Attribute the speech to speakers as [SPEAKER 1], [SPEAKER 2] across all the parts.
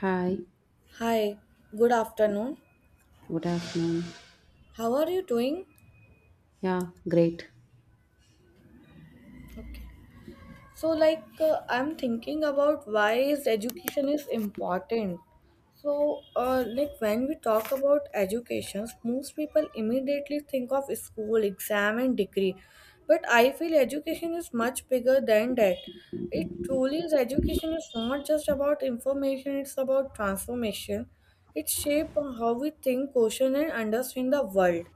[SPEAKER 1] Hi,
[SPEAKER 2] Hi, good afternoon.
[SPEAKER 1] good afternoon.
[SPEAKER 2] How are you doing?
[SPEAKER 1] Yeah, great.
[SPEAKER 2] Okay. So I'm thinking about why is education is important. So like when we talk about education, most people immediately think of school, exam and degree. But I feel education is much bigger than that. It truly is education is not just about information, it's about transformation. It shapes how we think, question and understand the world.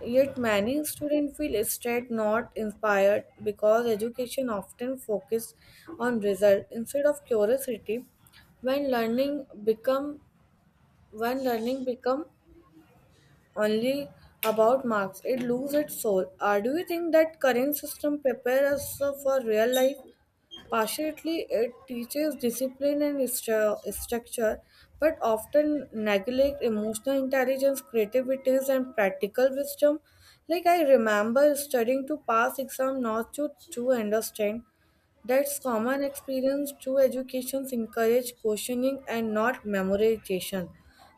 [SPEAKER 2] Yet many students feel stressed, not inspired, because education often focuses on result instead of curiosity. When learning become when learning become only about marks, it loses its soul. Do you think that current system prepares us for real life? Partially, it teaches discipline and structure, but often neglect emotional intelligence, creativity, and practical wisdom. Like I remember studying to pass exam, not to understand. That's common experience. True educations encourage questioning and not memorization.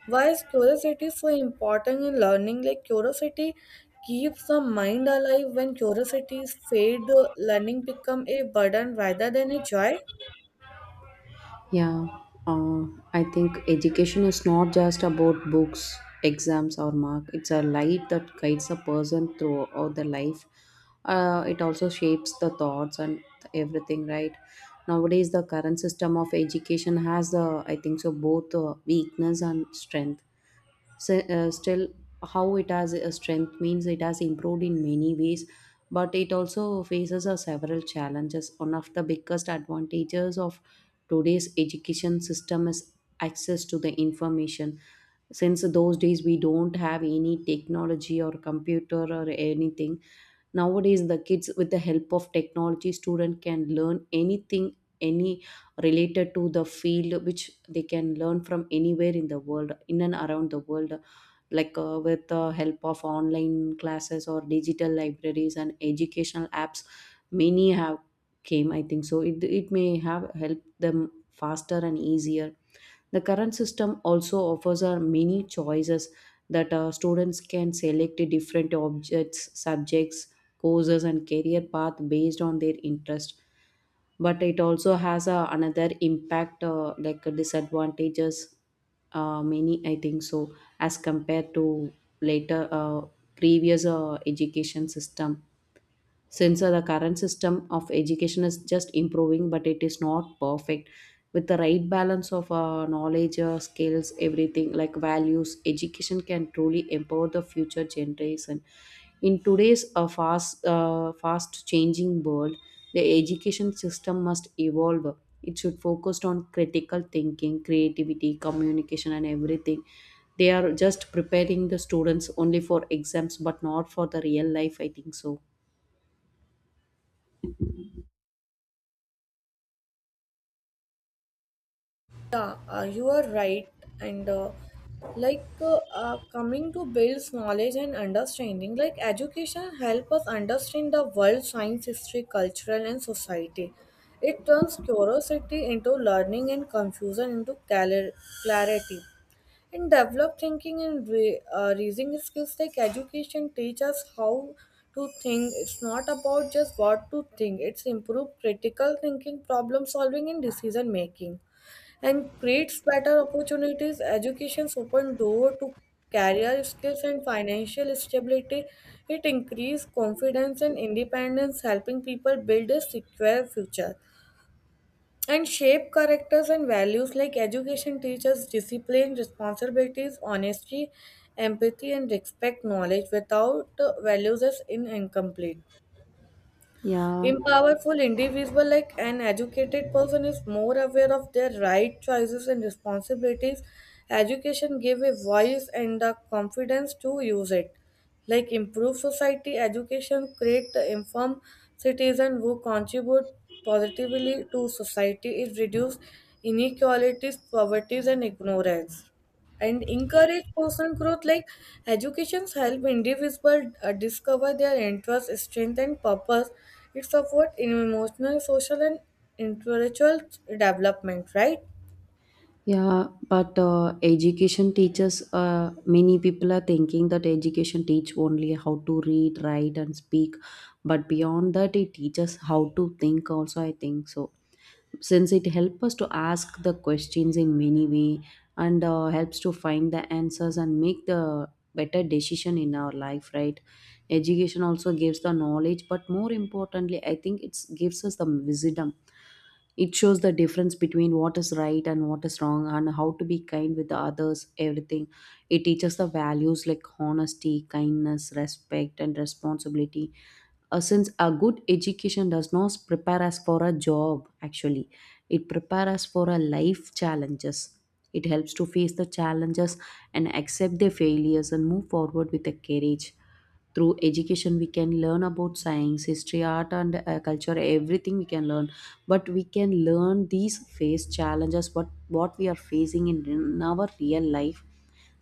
[SPEAKER 2] Why is curiosity so important in learning? Like curiosity keeps the mind alive. When curiosity is fade, learning become a burden rather than a joy.
[SPEAKER 1] Yeah, uh, I think education is not just about books, exams, or mark. It's a light that guides a person throughout their life. It also shapes the thoughts and everything, right? Nowadays, the current system of education has, I think so, both weakness and strength. So, still, how it has a strength means it has improved in many ways, but it also faces a several challenges. One of the biggest advantages of today's education system is access to the information. Since those days we don't have any technology or computer or anything, nowadays the kids with the help of technology student can learn anything any related to the field which they can learn from anywhere in the world in and around the world like with the help of online classes or digital libraries and educational apps many have came I think so it may have helped them faster and easier. The current system also offers many choices that students can select different objects, subjects, courses, and career path based on their interest. But it also has another impact, like disadvantages. Many, I think so, as compared to later previous education system, since the current system of education is just improving but it is not perfect. With the right balance of knowledge skills everything like values, education can truly empower the future generation. In today's fast changing world, the education system must evolve. It should focus on critical thinking, creativity, communication and everything. They are just preparing the students only for exams but not for the real life, I think so.
[SPEAKER 2] Yeah, you are right. And coming to builds knowledge and understanding, like education help us understand the world, science, history, cultural, and society. It turns curiosity into learning and confusion into clarity. And develop thinking and reasoning skills like education teach us how to think. It's not about just what to think. It's improve critical thinking, problem solving, and decision making, and creates better opportunities. Education's open door to career skills and financial stability. It increase confidence and independence, helping people build a secure future and shape characters and values like education teaches discipline, responsibilities, honesty, empathy and respect. Knowledge without values is incomplete.
[SPEAKER 1] Yeah,
[SPEAKER 2] Empowerful individual like an educated person is more aware of their right choices and responsibilities. Education give a voice and the confidence to use it. Like improve society, education create the informed citizen who contribute positively to society. It reduce inequalities, poverty and ignorance, and encourage personal growth like educations help individuals discover their interests, strength and purpose. It supports emotional, social and intellectual development, right?
[SPEAKER 1] yeah, but education teaches. Many people are thinking that education teach only how to read, write, and speak, but beyond that, it teaches how to think. Also, I think so, since it helps us to ask the questions in many way and helps to find the answers and make the better decision in our life. Right? Education also gives the knowledge, but more importantly, I think it gives us the wisdom. It shows the difference between what is right and what is wrong and how to be kind with the others, everything. It teaches the values like honesty, kindness, respect, and responsibility. Since a good education does not prepare us for a job actually, it prepares us for a life challenges. It helps to face the challenges and accept their failures and move forward with the courage. Through education we can learn about science, history, art and culture, everything we can learn, but we can learn these face challenges what we are facing in our real life.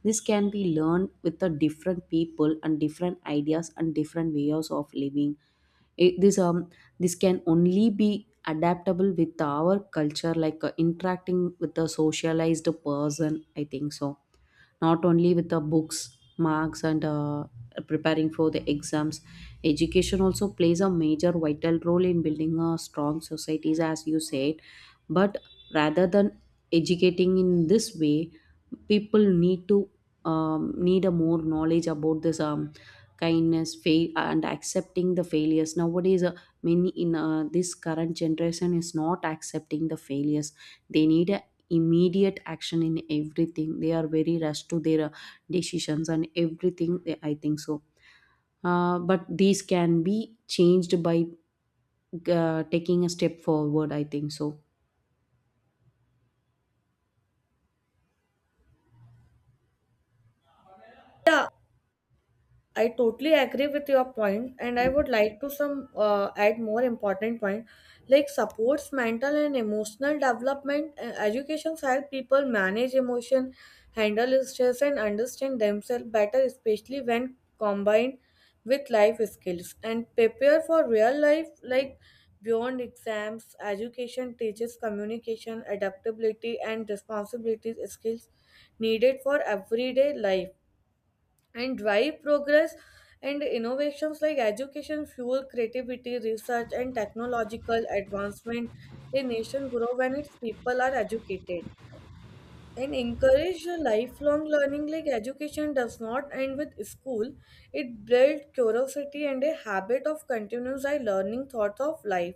[SPEAKER 1] This can be learned with the different people and different ideas and different ways of living. This this can only be adaptable with our culture like interacting with a socialized person, I think so, not only with the books, marks and preparing for the exams. Education also plays a major vital role in building a strong societies, as you said. But rather than educating in this way, people need to need a more knowledge about this, kindness, fail and accepting the failures. Nowadays many in this current generation is not accepting the failures. They need a immediate action in everything. They are very rushed to their decisions and everything. I think so but these can be changed by taking a step forward, I think so.
[SPEAKER 2] Yeah, I totally agree with your point, and I would like to some add more important point, like supports mental and emotional development. Education help people manage emotion, handle stress, and understand themselves better, especially when combined with life skills and prepare for real life, like beyond exams. Education teaches communication, adaptability, and responsibilities skills needed for everyday life, and drive progress and innovations like education fuel creativity, research and technological advancement. A nation grow when its people are educated, and encourage a lifelong learning like education does not end with school. It builds curiosity and a habit of continuous eye learning thoughts of life.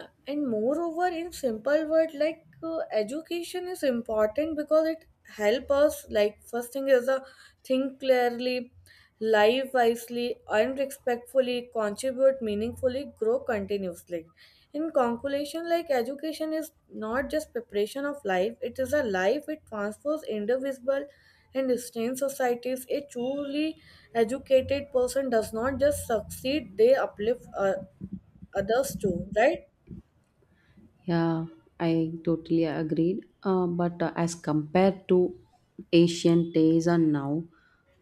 [SPEAKER 2] And moreover in simple word like education is important because it help us, like first thing is a think clearly, live wisely and respectfully, contribute meaningfully, grow continuously. In conclusion, like education is not just preparation of life, it is a life. It transforms individual and sustains societies. A truly educated person does not just succeed, they uplift others too, right?
[SPEAKER 1] Yeah, I totally agreed. But as compared to ancient days and now,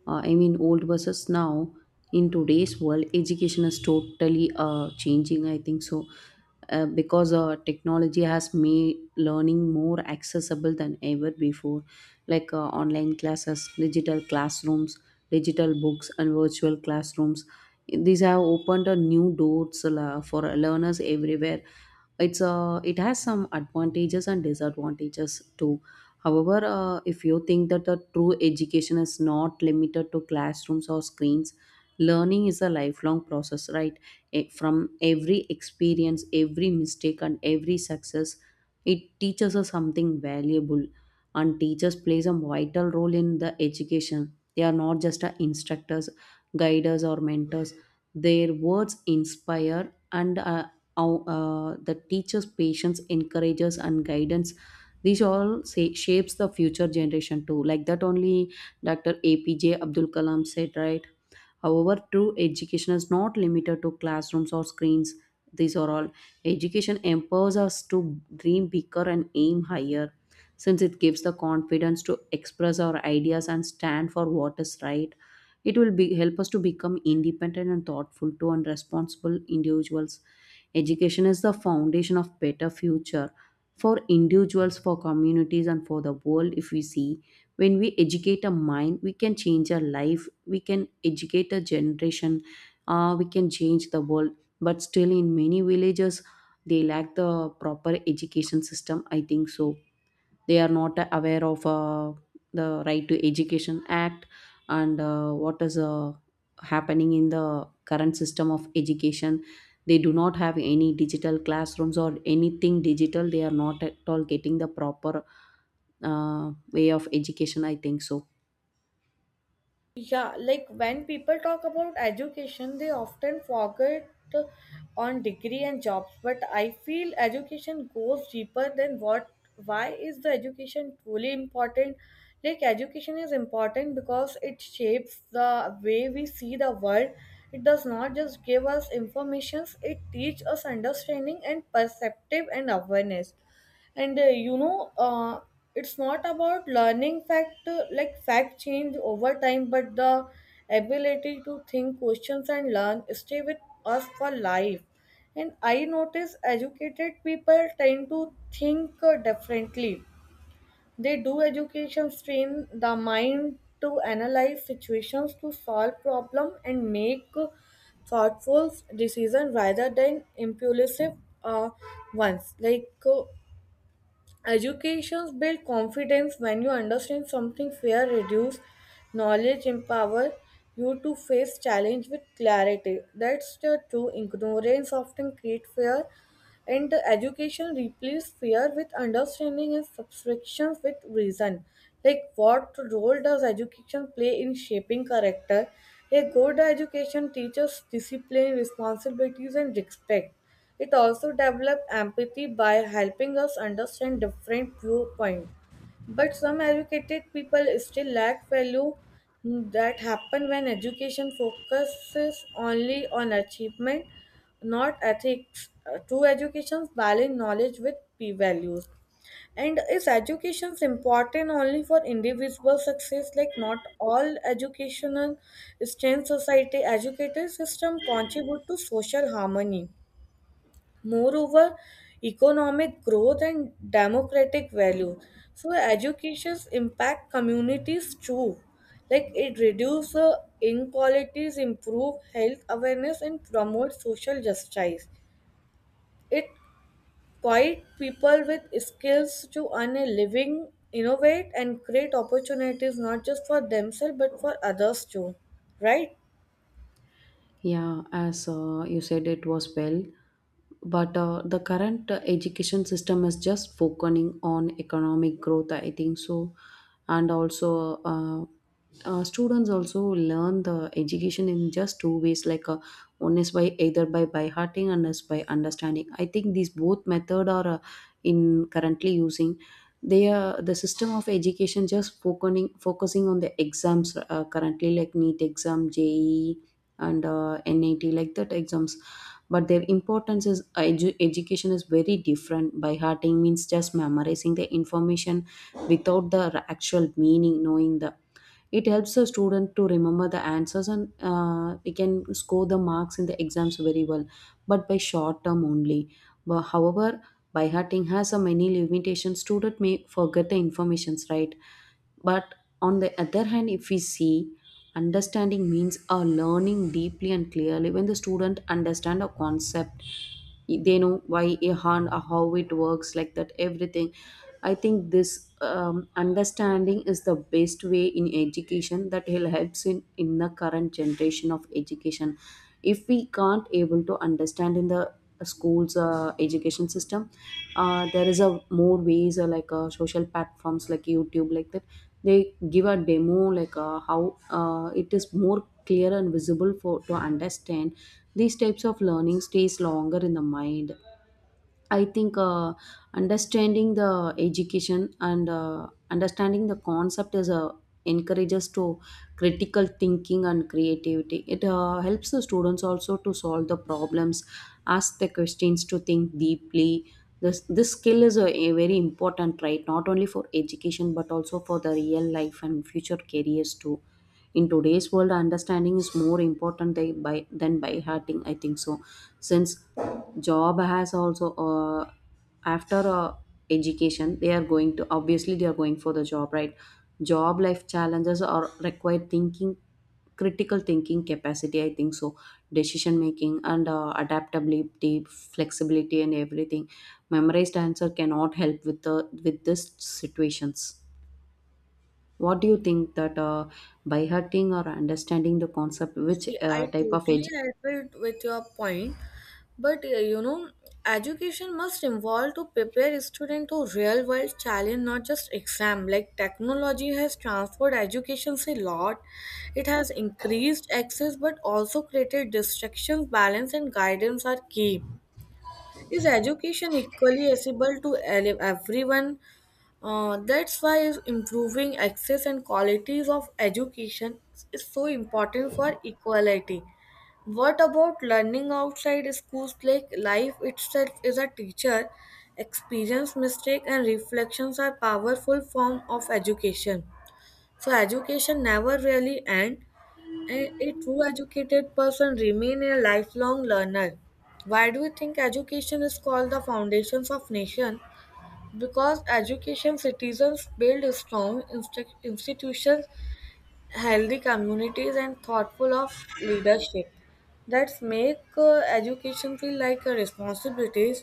[SPEAKER 1] I mean old versus now, in today's world, education is totally changing. I think so because technology has made learning more accessible than ever before, like online classes, digital classrooms, digital books, and virtual classrooms. These have opened a new doors for learners everywhere. It has some advantages and disadvantages too. However if you think that the true education is not limited to classrooms or screens, learning is a lifelong process, right? From every experience, every mistake and every success, it teaches us something valuable. And teachers plays a vital role in the education. They are not just a instructors, guiders or mentors. Their words inspire and the teacher's patience, encourages and guidance, these all say, shapes the future generation too, like that only Dr. APJ Abdul Kalam said, right? However, true education is not limited to classrooms or screens. These are all. Education empowers us to dream bigger and aim higher, since it gives the confidence to express our ideas and stand for what is right. It will be, help us to become independent and thoughtful to and responsible individuals. Education is the foundation of better future, for individuals, for communities, and for the world. If we see, when we educate a mind, we can change a life, we can educate a generation, we can change the world. But still in many villages, they lack the proper education system, I think so. They are not aware of the right to education act, and what is happening in the current system of education. They do not have any digital classrooms or anything digital. They are not at all getting the proper way of education, I think so.
[SPEAKER 2] Yeah, like when people talk about education, they often forget on degree and jobs. But I feel education goes deeper than what. Why is the education truly important? Like education is important because it shapes the way we see the world. It does not just give us informations; it teaches us understanding and perceptive and awareness. And you know It's not about learning fact like fact change over time, but the ability to think, questions and learn stay with us for life. And I notice educated people tend to think differently. They do education train the mind to analyze situations, to solve problem and make thoughtful decision rather than impulsive uh, ones. Educations build confidence. When you understand something, fear reduce. Knowledge empower you to face challenge with clarity. That's the true ignorance often create fear, and the education replaces fear with understanding and subtraction with reason. Like what role does education play in shaping character? A good education teaches discipline, responsibilities and respect. It also develops empathy by helping us understand different viewpoints. But some educated people still lack value. That happen when education focuses only on achievement, not ethics. True education balance knowledge with p values. And is education important only for individual success? Like not all educational strength society educated system contribute to social harmony. Moreover, economic growth and democratic value. So educations impact communities too. Like it reduces inequalities, improve health awareness, and promote social justice. It quite people with skills to earn a living, innovate, and create opportunities not just for themselves but for others too. Right?
[SPEAKER 1] Yeah, as you said, it was well. But the current education system is just focusing on economic growth, I think so. And also students also learn the education in just two ways, like one is by either by hearting and is by understanding. I think these both method are in currently using. They are the system of education just focusing on the exams, currently like neat exam, JE and NAT, like that exams. But their importance is education is very different. By hearting means just memorizing the information without the actual meaning, knowing the, it helps the student to remember the answers and we can score the marks in the exams very well, but by short term only. But however, by hearting has a many limitations. Student may forget the informations, right? But on the other hand, if we see, understanding means a learning deeply and clearly. When the student understand a concept, they know why a hand, how it works, like that, everything. I think this understanding is the best way in education that will helps in the current generation of education. If we can't able to understand in the schools education system, there is a more ways like social platforms like YouTube, like that, they give a demo like how it is more clear and visible for to understand. These types of learning stays longer in the mind. I think understanding the education and understanding the concept is encourages to critical thinking and creativity. It helps the students also to solve the problems, ask the questions, to think deeply. This skill is a very important, right, not only for education but also for the real life and future careers too. In today's world, understanding is more important than by hurting. I think so, since job has also after education, they are going to, obviously they are going for the job, right? Job life challenges are required thinking, critical thinking capacity, I think so, decision making and adaptability, flexibility and everything. Memorized answer cannot help with the with these situations. What do you think that by hurting or understanding the concept, which
[SPEAKER 2] See, I
[SPEAKER 1] type of
[SPEAKER 2] totally
[SPEAKER 1] education?
[SPEAKER 2] agree with your point, but education must involve to prepare student to real world challenge, not just exam. Like technology has transformed education a lot. It has increased access, but also created distractions. Balance and guidance are key. Is education equally accessible to everyone? That's why improving access and qualities of education is so important for equality. What about learning outside schools? Like life itself is a teacher. Experience, mistake, and reflections are powerful form of education. So education never really end, and a true educated person remain a lifelong learner. Why do you think education is called the foundations of nation? Because education, citizens build strong institutions, healthy communities, and thoughtful of leadership that make education feel like a responsibility.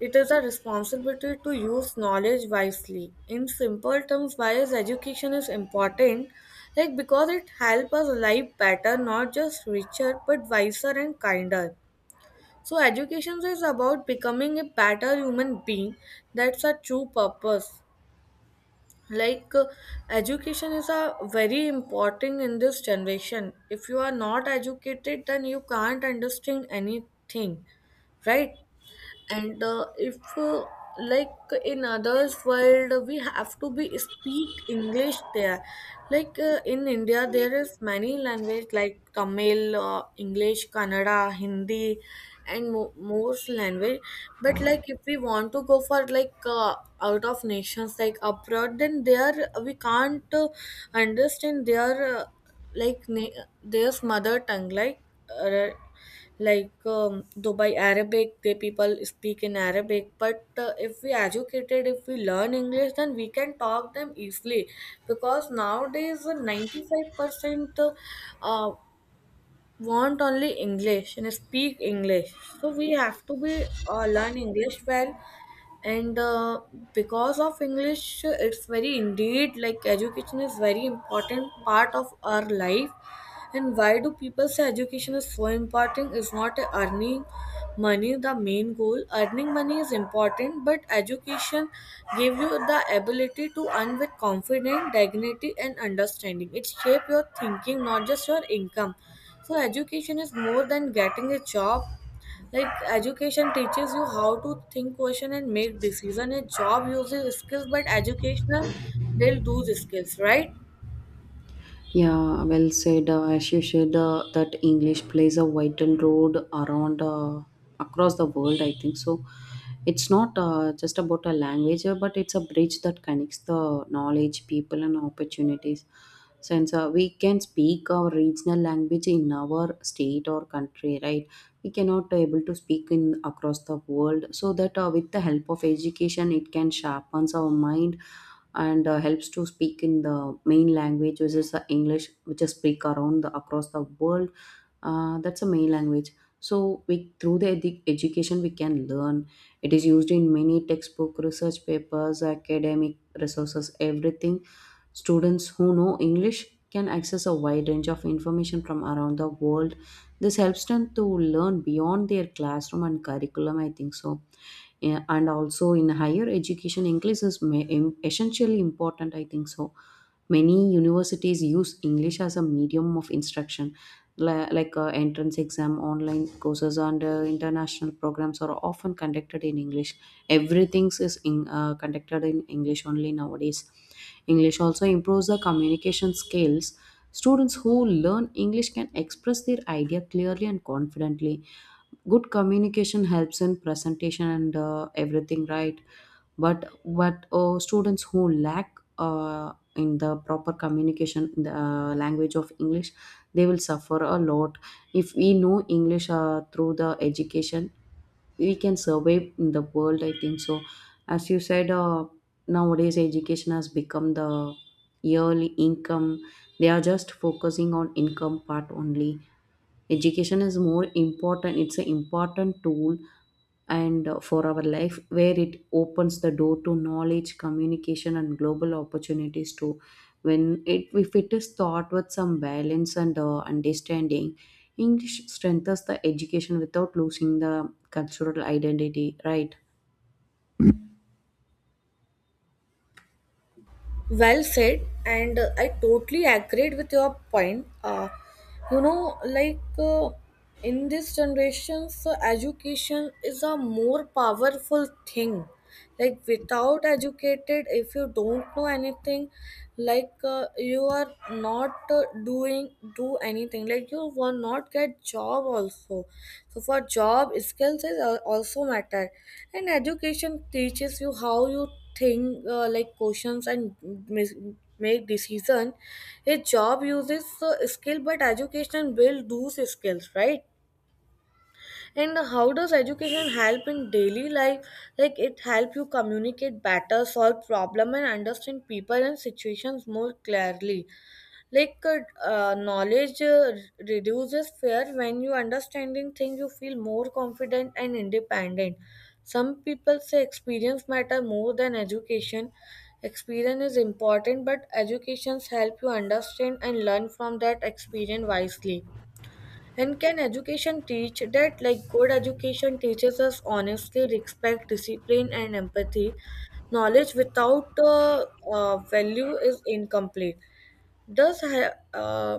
[SPEAKER 2] It is a responsibility to use knowledge wisely. In simple terms, why is education is important? Like because it helps us live better, not just richer, but wiser and kinder. So education is about becoming a better human being. That's a true purpose. like uh, Education is a very important in this generation. If you are not educated, then you can't understand anything, right? And uh, if uh, like in others world we have to be speak english there, like in india there is many language like tamil, english, kannada, hindi and most language. But like if we want to go for like out of nations like abroad, then there we can't understand their their mother tongue. Like uh, like um, though arabic, they people speak in arabic, but if we educated, if we learn english, then we can talk them easily. Because nowadays 95% uh, want only english and speak english. So we have to be learn english well. And Because of english, it's very indeed, like education is very important part of our life. And why do people say education is so important? Is not earning money the main goal? Earning money is important, but education gave you the ability to earn with confidence, dignity, and understanding. It shapes your thinking, not just your income. So education is more than getting a job. Like education teaches you how to think, question, and make decision. A job uses skills, but educational will do those skills, right?
[SPEAKER 1] Yeah, well said. As you said, that English plays a vital role around across the world. I think so. It's not just about a language, but it's a bridge that connects the knowledge, people, and opportunities. Since we can speak our regional language in our state or country, right? We cannot able to speak in across the world. So that with the help of education, it can sharpens our mind and helps to speak in the main language which is the English, which is speak around the, across the world. That's a main language. So we through the education we can learn, it is used in many textbook, research papers, academic resources, everything. Students who know English can access a wide range of information from around the world. This helps them to learn beyond their classroom and curriculum, I think so. Yeah, and also in higher education, English is essentially important, I think so. Many universities use English as a medium of instruction, like entrance exam, online courses, and international programs are often conducted in English. Everything is conducted in English only nowadays. English also improves the communication skills. Students who learn English can express their idea clearly and confidently. Good communication helps in presentation and everything, right? But students who lack in the proper communication in the language of English, they will suffer a lot. If we know English through the education, we can survive in the world, I think so. As you said, nowadays education has become the yearly income. They are just focusing on income part only. Education is more important, it's an important tool and for our life, where it opens the door to knowledge, communication and global opportunities too, when it if it is taught with some balance and understanding. English strengthens the education without losing the cultural identity, right?
[SPEAKER 2] Well said, and I totally agreed with your point. You know, in this generations, so education is a more powerful thing. Like without educated, if you don't know anything, like you are not doing do anything. Like you will not get job also. So for job, skills is also matter, and education teaches you how you think like questions and mis- make decision. His job uses skill, but education build those skills, right? And how does education help in daily life? Like it help you communicate better, solve problem and understand people and situations more clearly. Like knowledge reduces fear. When you understanding things, you feel more confident and independent. Some people say experience matter more than education. Experience is important, but educations help you understand and learn from that experience wisely. And can education teach that? Like good education teaches us honestly, respect, discipline, and empathy. Knowledge without value is incomplete. Does have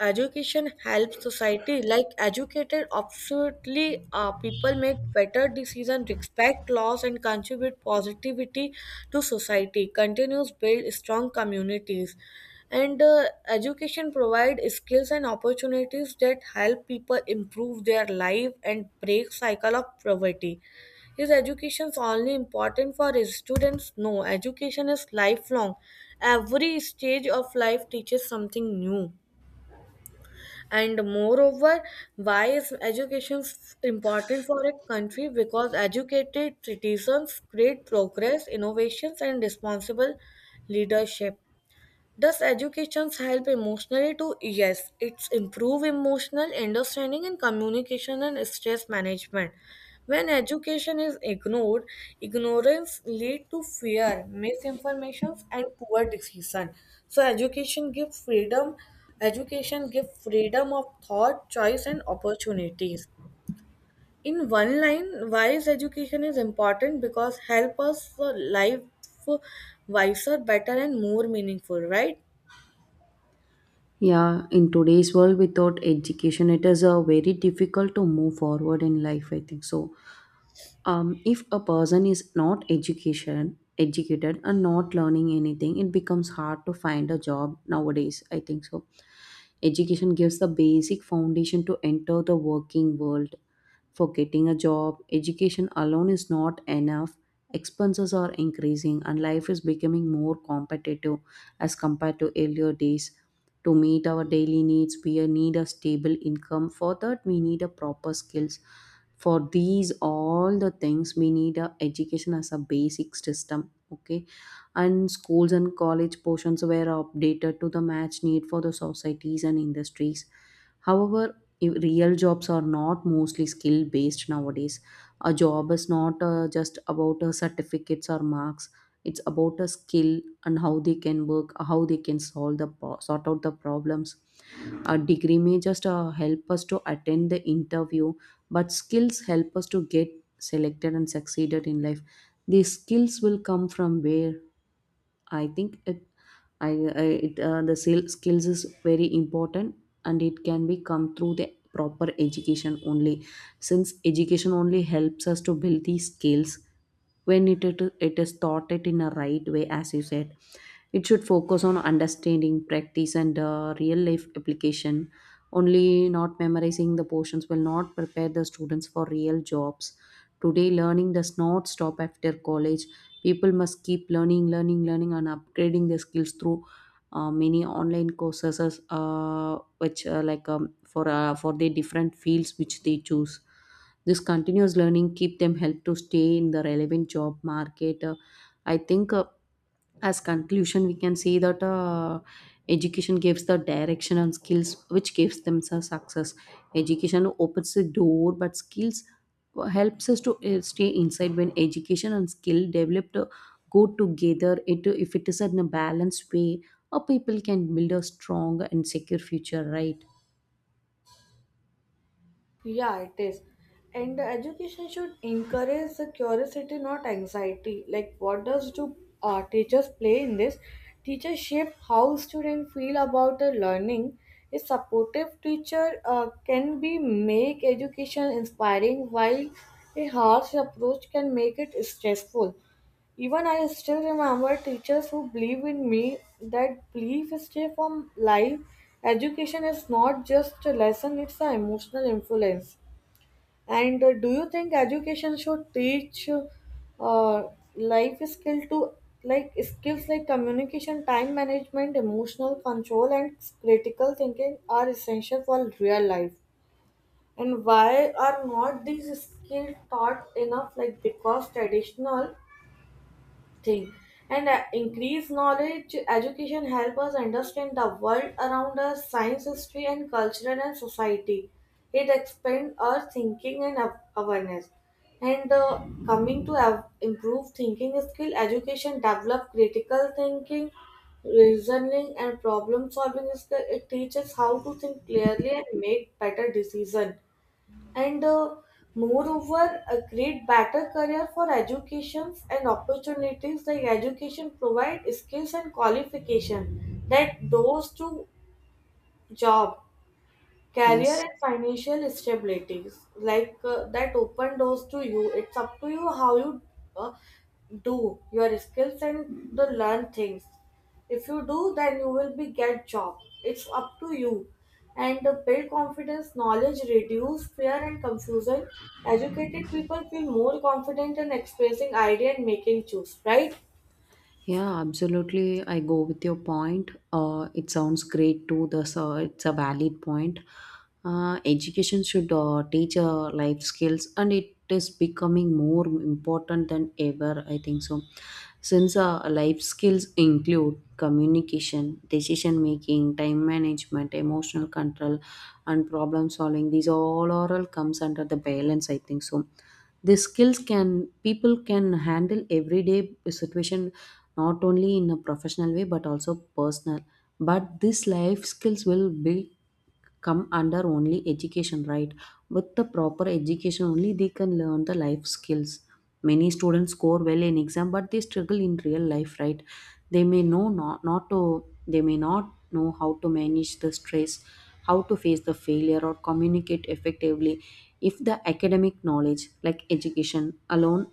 [SPEAKER 2] education helps society. Like educated, absolutely, people make better decisions, respect laws, and contribute positivity to society. Continues build strong communities, and education provide skills and opportunities that help people improve their life and break cycle of poverty. Is education only important for students? No, education is lifelong. Every stage of life teaches something new. And moreover, why is education important for a country? Because educated citizens create progress, innovations and responsible leadership. Does education help emotionally too? Yes, it's improve emotional understanding and communication and stress management. When education is ignored, ignorance lead to fear, misinformation and poor decision. So education give freedom of thought, choice and opportunities. In one line, why is education is important? Because help us life wiser, better and more meaningful, right?
[SPEAKER 1] Yeah, in today's world without education it is a very difficult to move forward in life, I think so. If a person is not education educated and not learning anything, it becomes hard to find a job nowadays, I think so. Education gives the basic foundation to enter the working world for getting a job. Education alone is not enough. Expenses are increasing and life is becoming more competitive as compared to earlier days. To meet our daily needs, we need a stable income. For that, we need a proper skills. For these all the things, we need a education as a basic system. Okay, and schools and college portions were updated to the match need for the societies and industries. However, real jobs are not mostly skill based nowadays. A job is not just about certificates or marks. It's about a skill and how they can work, how they can solve sort out the problems. A degree may just help us to attend the interview, but skills help us to get selected and succeeded in life. These skills will come from where? I think it I, skills is very important, and it can be come through the proper education only, since education only helps us to build these skills when it is taught it in a right way, as you said. It should focus on understanding, practice, and real life application. Only not memorizing the portions will not prepare the students for real jobs. Today, learning does not stop after college. People must keep learning, learning, learning, and upgrading their skills through many online courses, which like for the different fields which they choose. This continuous learning keep them help to stay in the relevant job market. I think as conclusion we can say that education gives the direction and skills which gives them a success. Education opens the door but skills helps us to stay inside. When education and skill developed go together, it if it is in a balanced way, a people can build a strong and secure future, right?
[SPEAKER 2] Yeah, it is. And the education should encourage the curiosity, not anxiety. Like, what does do teachers play in this? Teachers shape how students feel about the learning. A supportive teacher can be make education inspiring, while a harsh approach can make it stressful. Even I still remember teachers who believe in me. That belief is stay from life. Education is not just a lesson, it's an emotional influence. And do you think education should teach life skill to like skills like communication, time management, emotional control, and critical thinking are essential for real life? And why are not these skills taught enough? Like because traditional thing, and increase knowledge education help us understand the world around us, science, history and culture and society. It expand our thinking and awareness. And Coming to improve thinking skill, education develop critical thinking, reasoning and problem solving skill. It teaches how to think clearly and make better decision. And uh, moreover uh, create better career for educations and opportunities like education provide skills and qualification that those to job, career
[SPEAKER 1] Yes.
[SPEAKER 2] and financial stability. That open doors to you. It's up to you how you uh, do your skills and the learn things. If you do, then you will be get job. It's up to you. And Build confidence. Knowledge reduce fear and confusion. Educated people feel more confident in expressing idea and making choose, right?
[SPEAKER 1] Yeah, absolutely. I go with your point. It sounds great too. The so it's a valid point. Education should teach life skills, and it is becoming more important than ever, I think so. Since life skills include communication, decision making, time management, emotional control, and problem solving, these all oral comes under the balance, I think so. These skills can people can handle everyday situation, not only in a professional way but also personal, but these life skills will be come under only education, right? With the proper education only they can learn the life skills. Many students score well in exam but they struggle in real life, right? they may know not, not to they may not know how to manage the stress, how to face the failure or communicate effectively, if the academic knowledge like education alone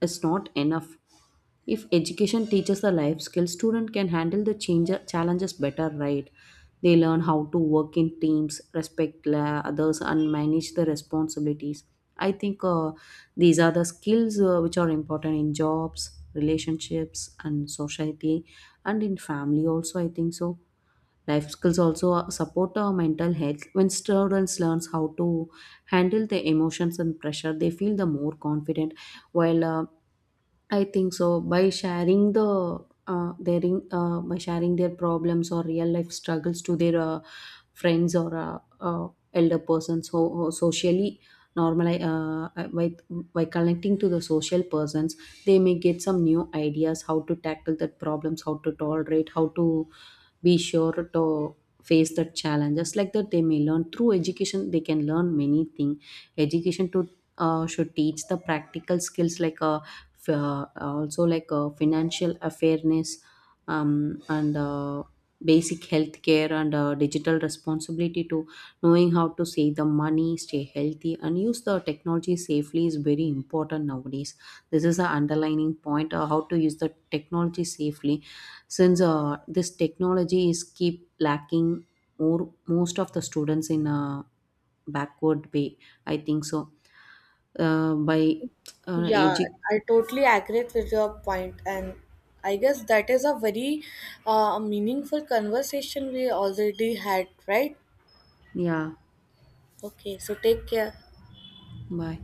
[SPEAKER 1] is not enough. If education teaches the life skills, student can handle the change, challenges better, right? They learn how to work in teams, respect others, and manage the responsibilities. I think these are the skills which are important in jobs, relationships, and society, and in family also, I think so. Life skills also support our mental health. When students learns how to handle their emotions and pressure, they feel the more confident. While I think so. By sharing the their in, by sharing their problems or real life struggles to their friends or elder persons, so socially normalize, by connecting to the social persons, they may get some new ideas, how to tackle that problems, how to tolerate, how to be sure to face the challenges, like that they may learn through education, they can learn many things. Education to should teach the practical skills like also like financial awareness, and basic health care and digital responsibility to. Knowing how to save the money, stay healthy and use the technology safely is very important nowadays. This is the underlining point, how to use the technology safely, since this technology is keep lacking more most of the students in a backward way, I think so. uh, by uh,
[SPEAKER 2] Yeah,
[SPEAKER 1] edu-
[SPEAKER 2] I totally agree with your point, and I guess that is a very meaningful conversation we already had, right?
[SPEAKER 1] yeah,
[SPEAKER 2] Okay, so take care.
[SPEAKER 1] bye.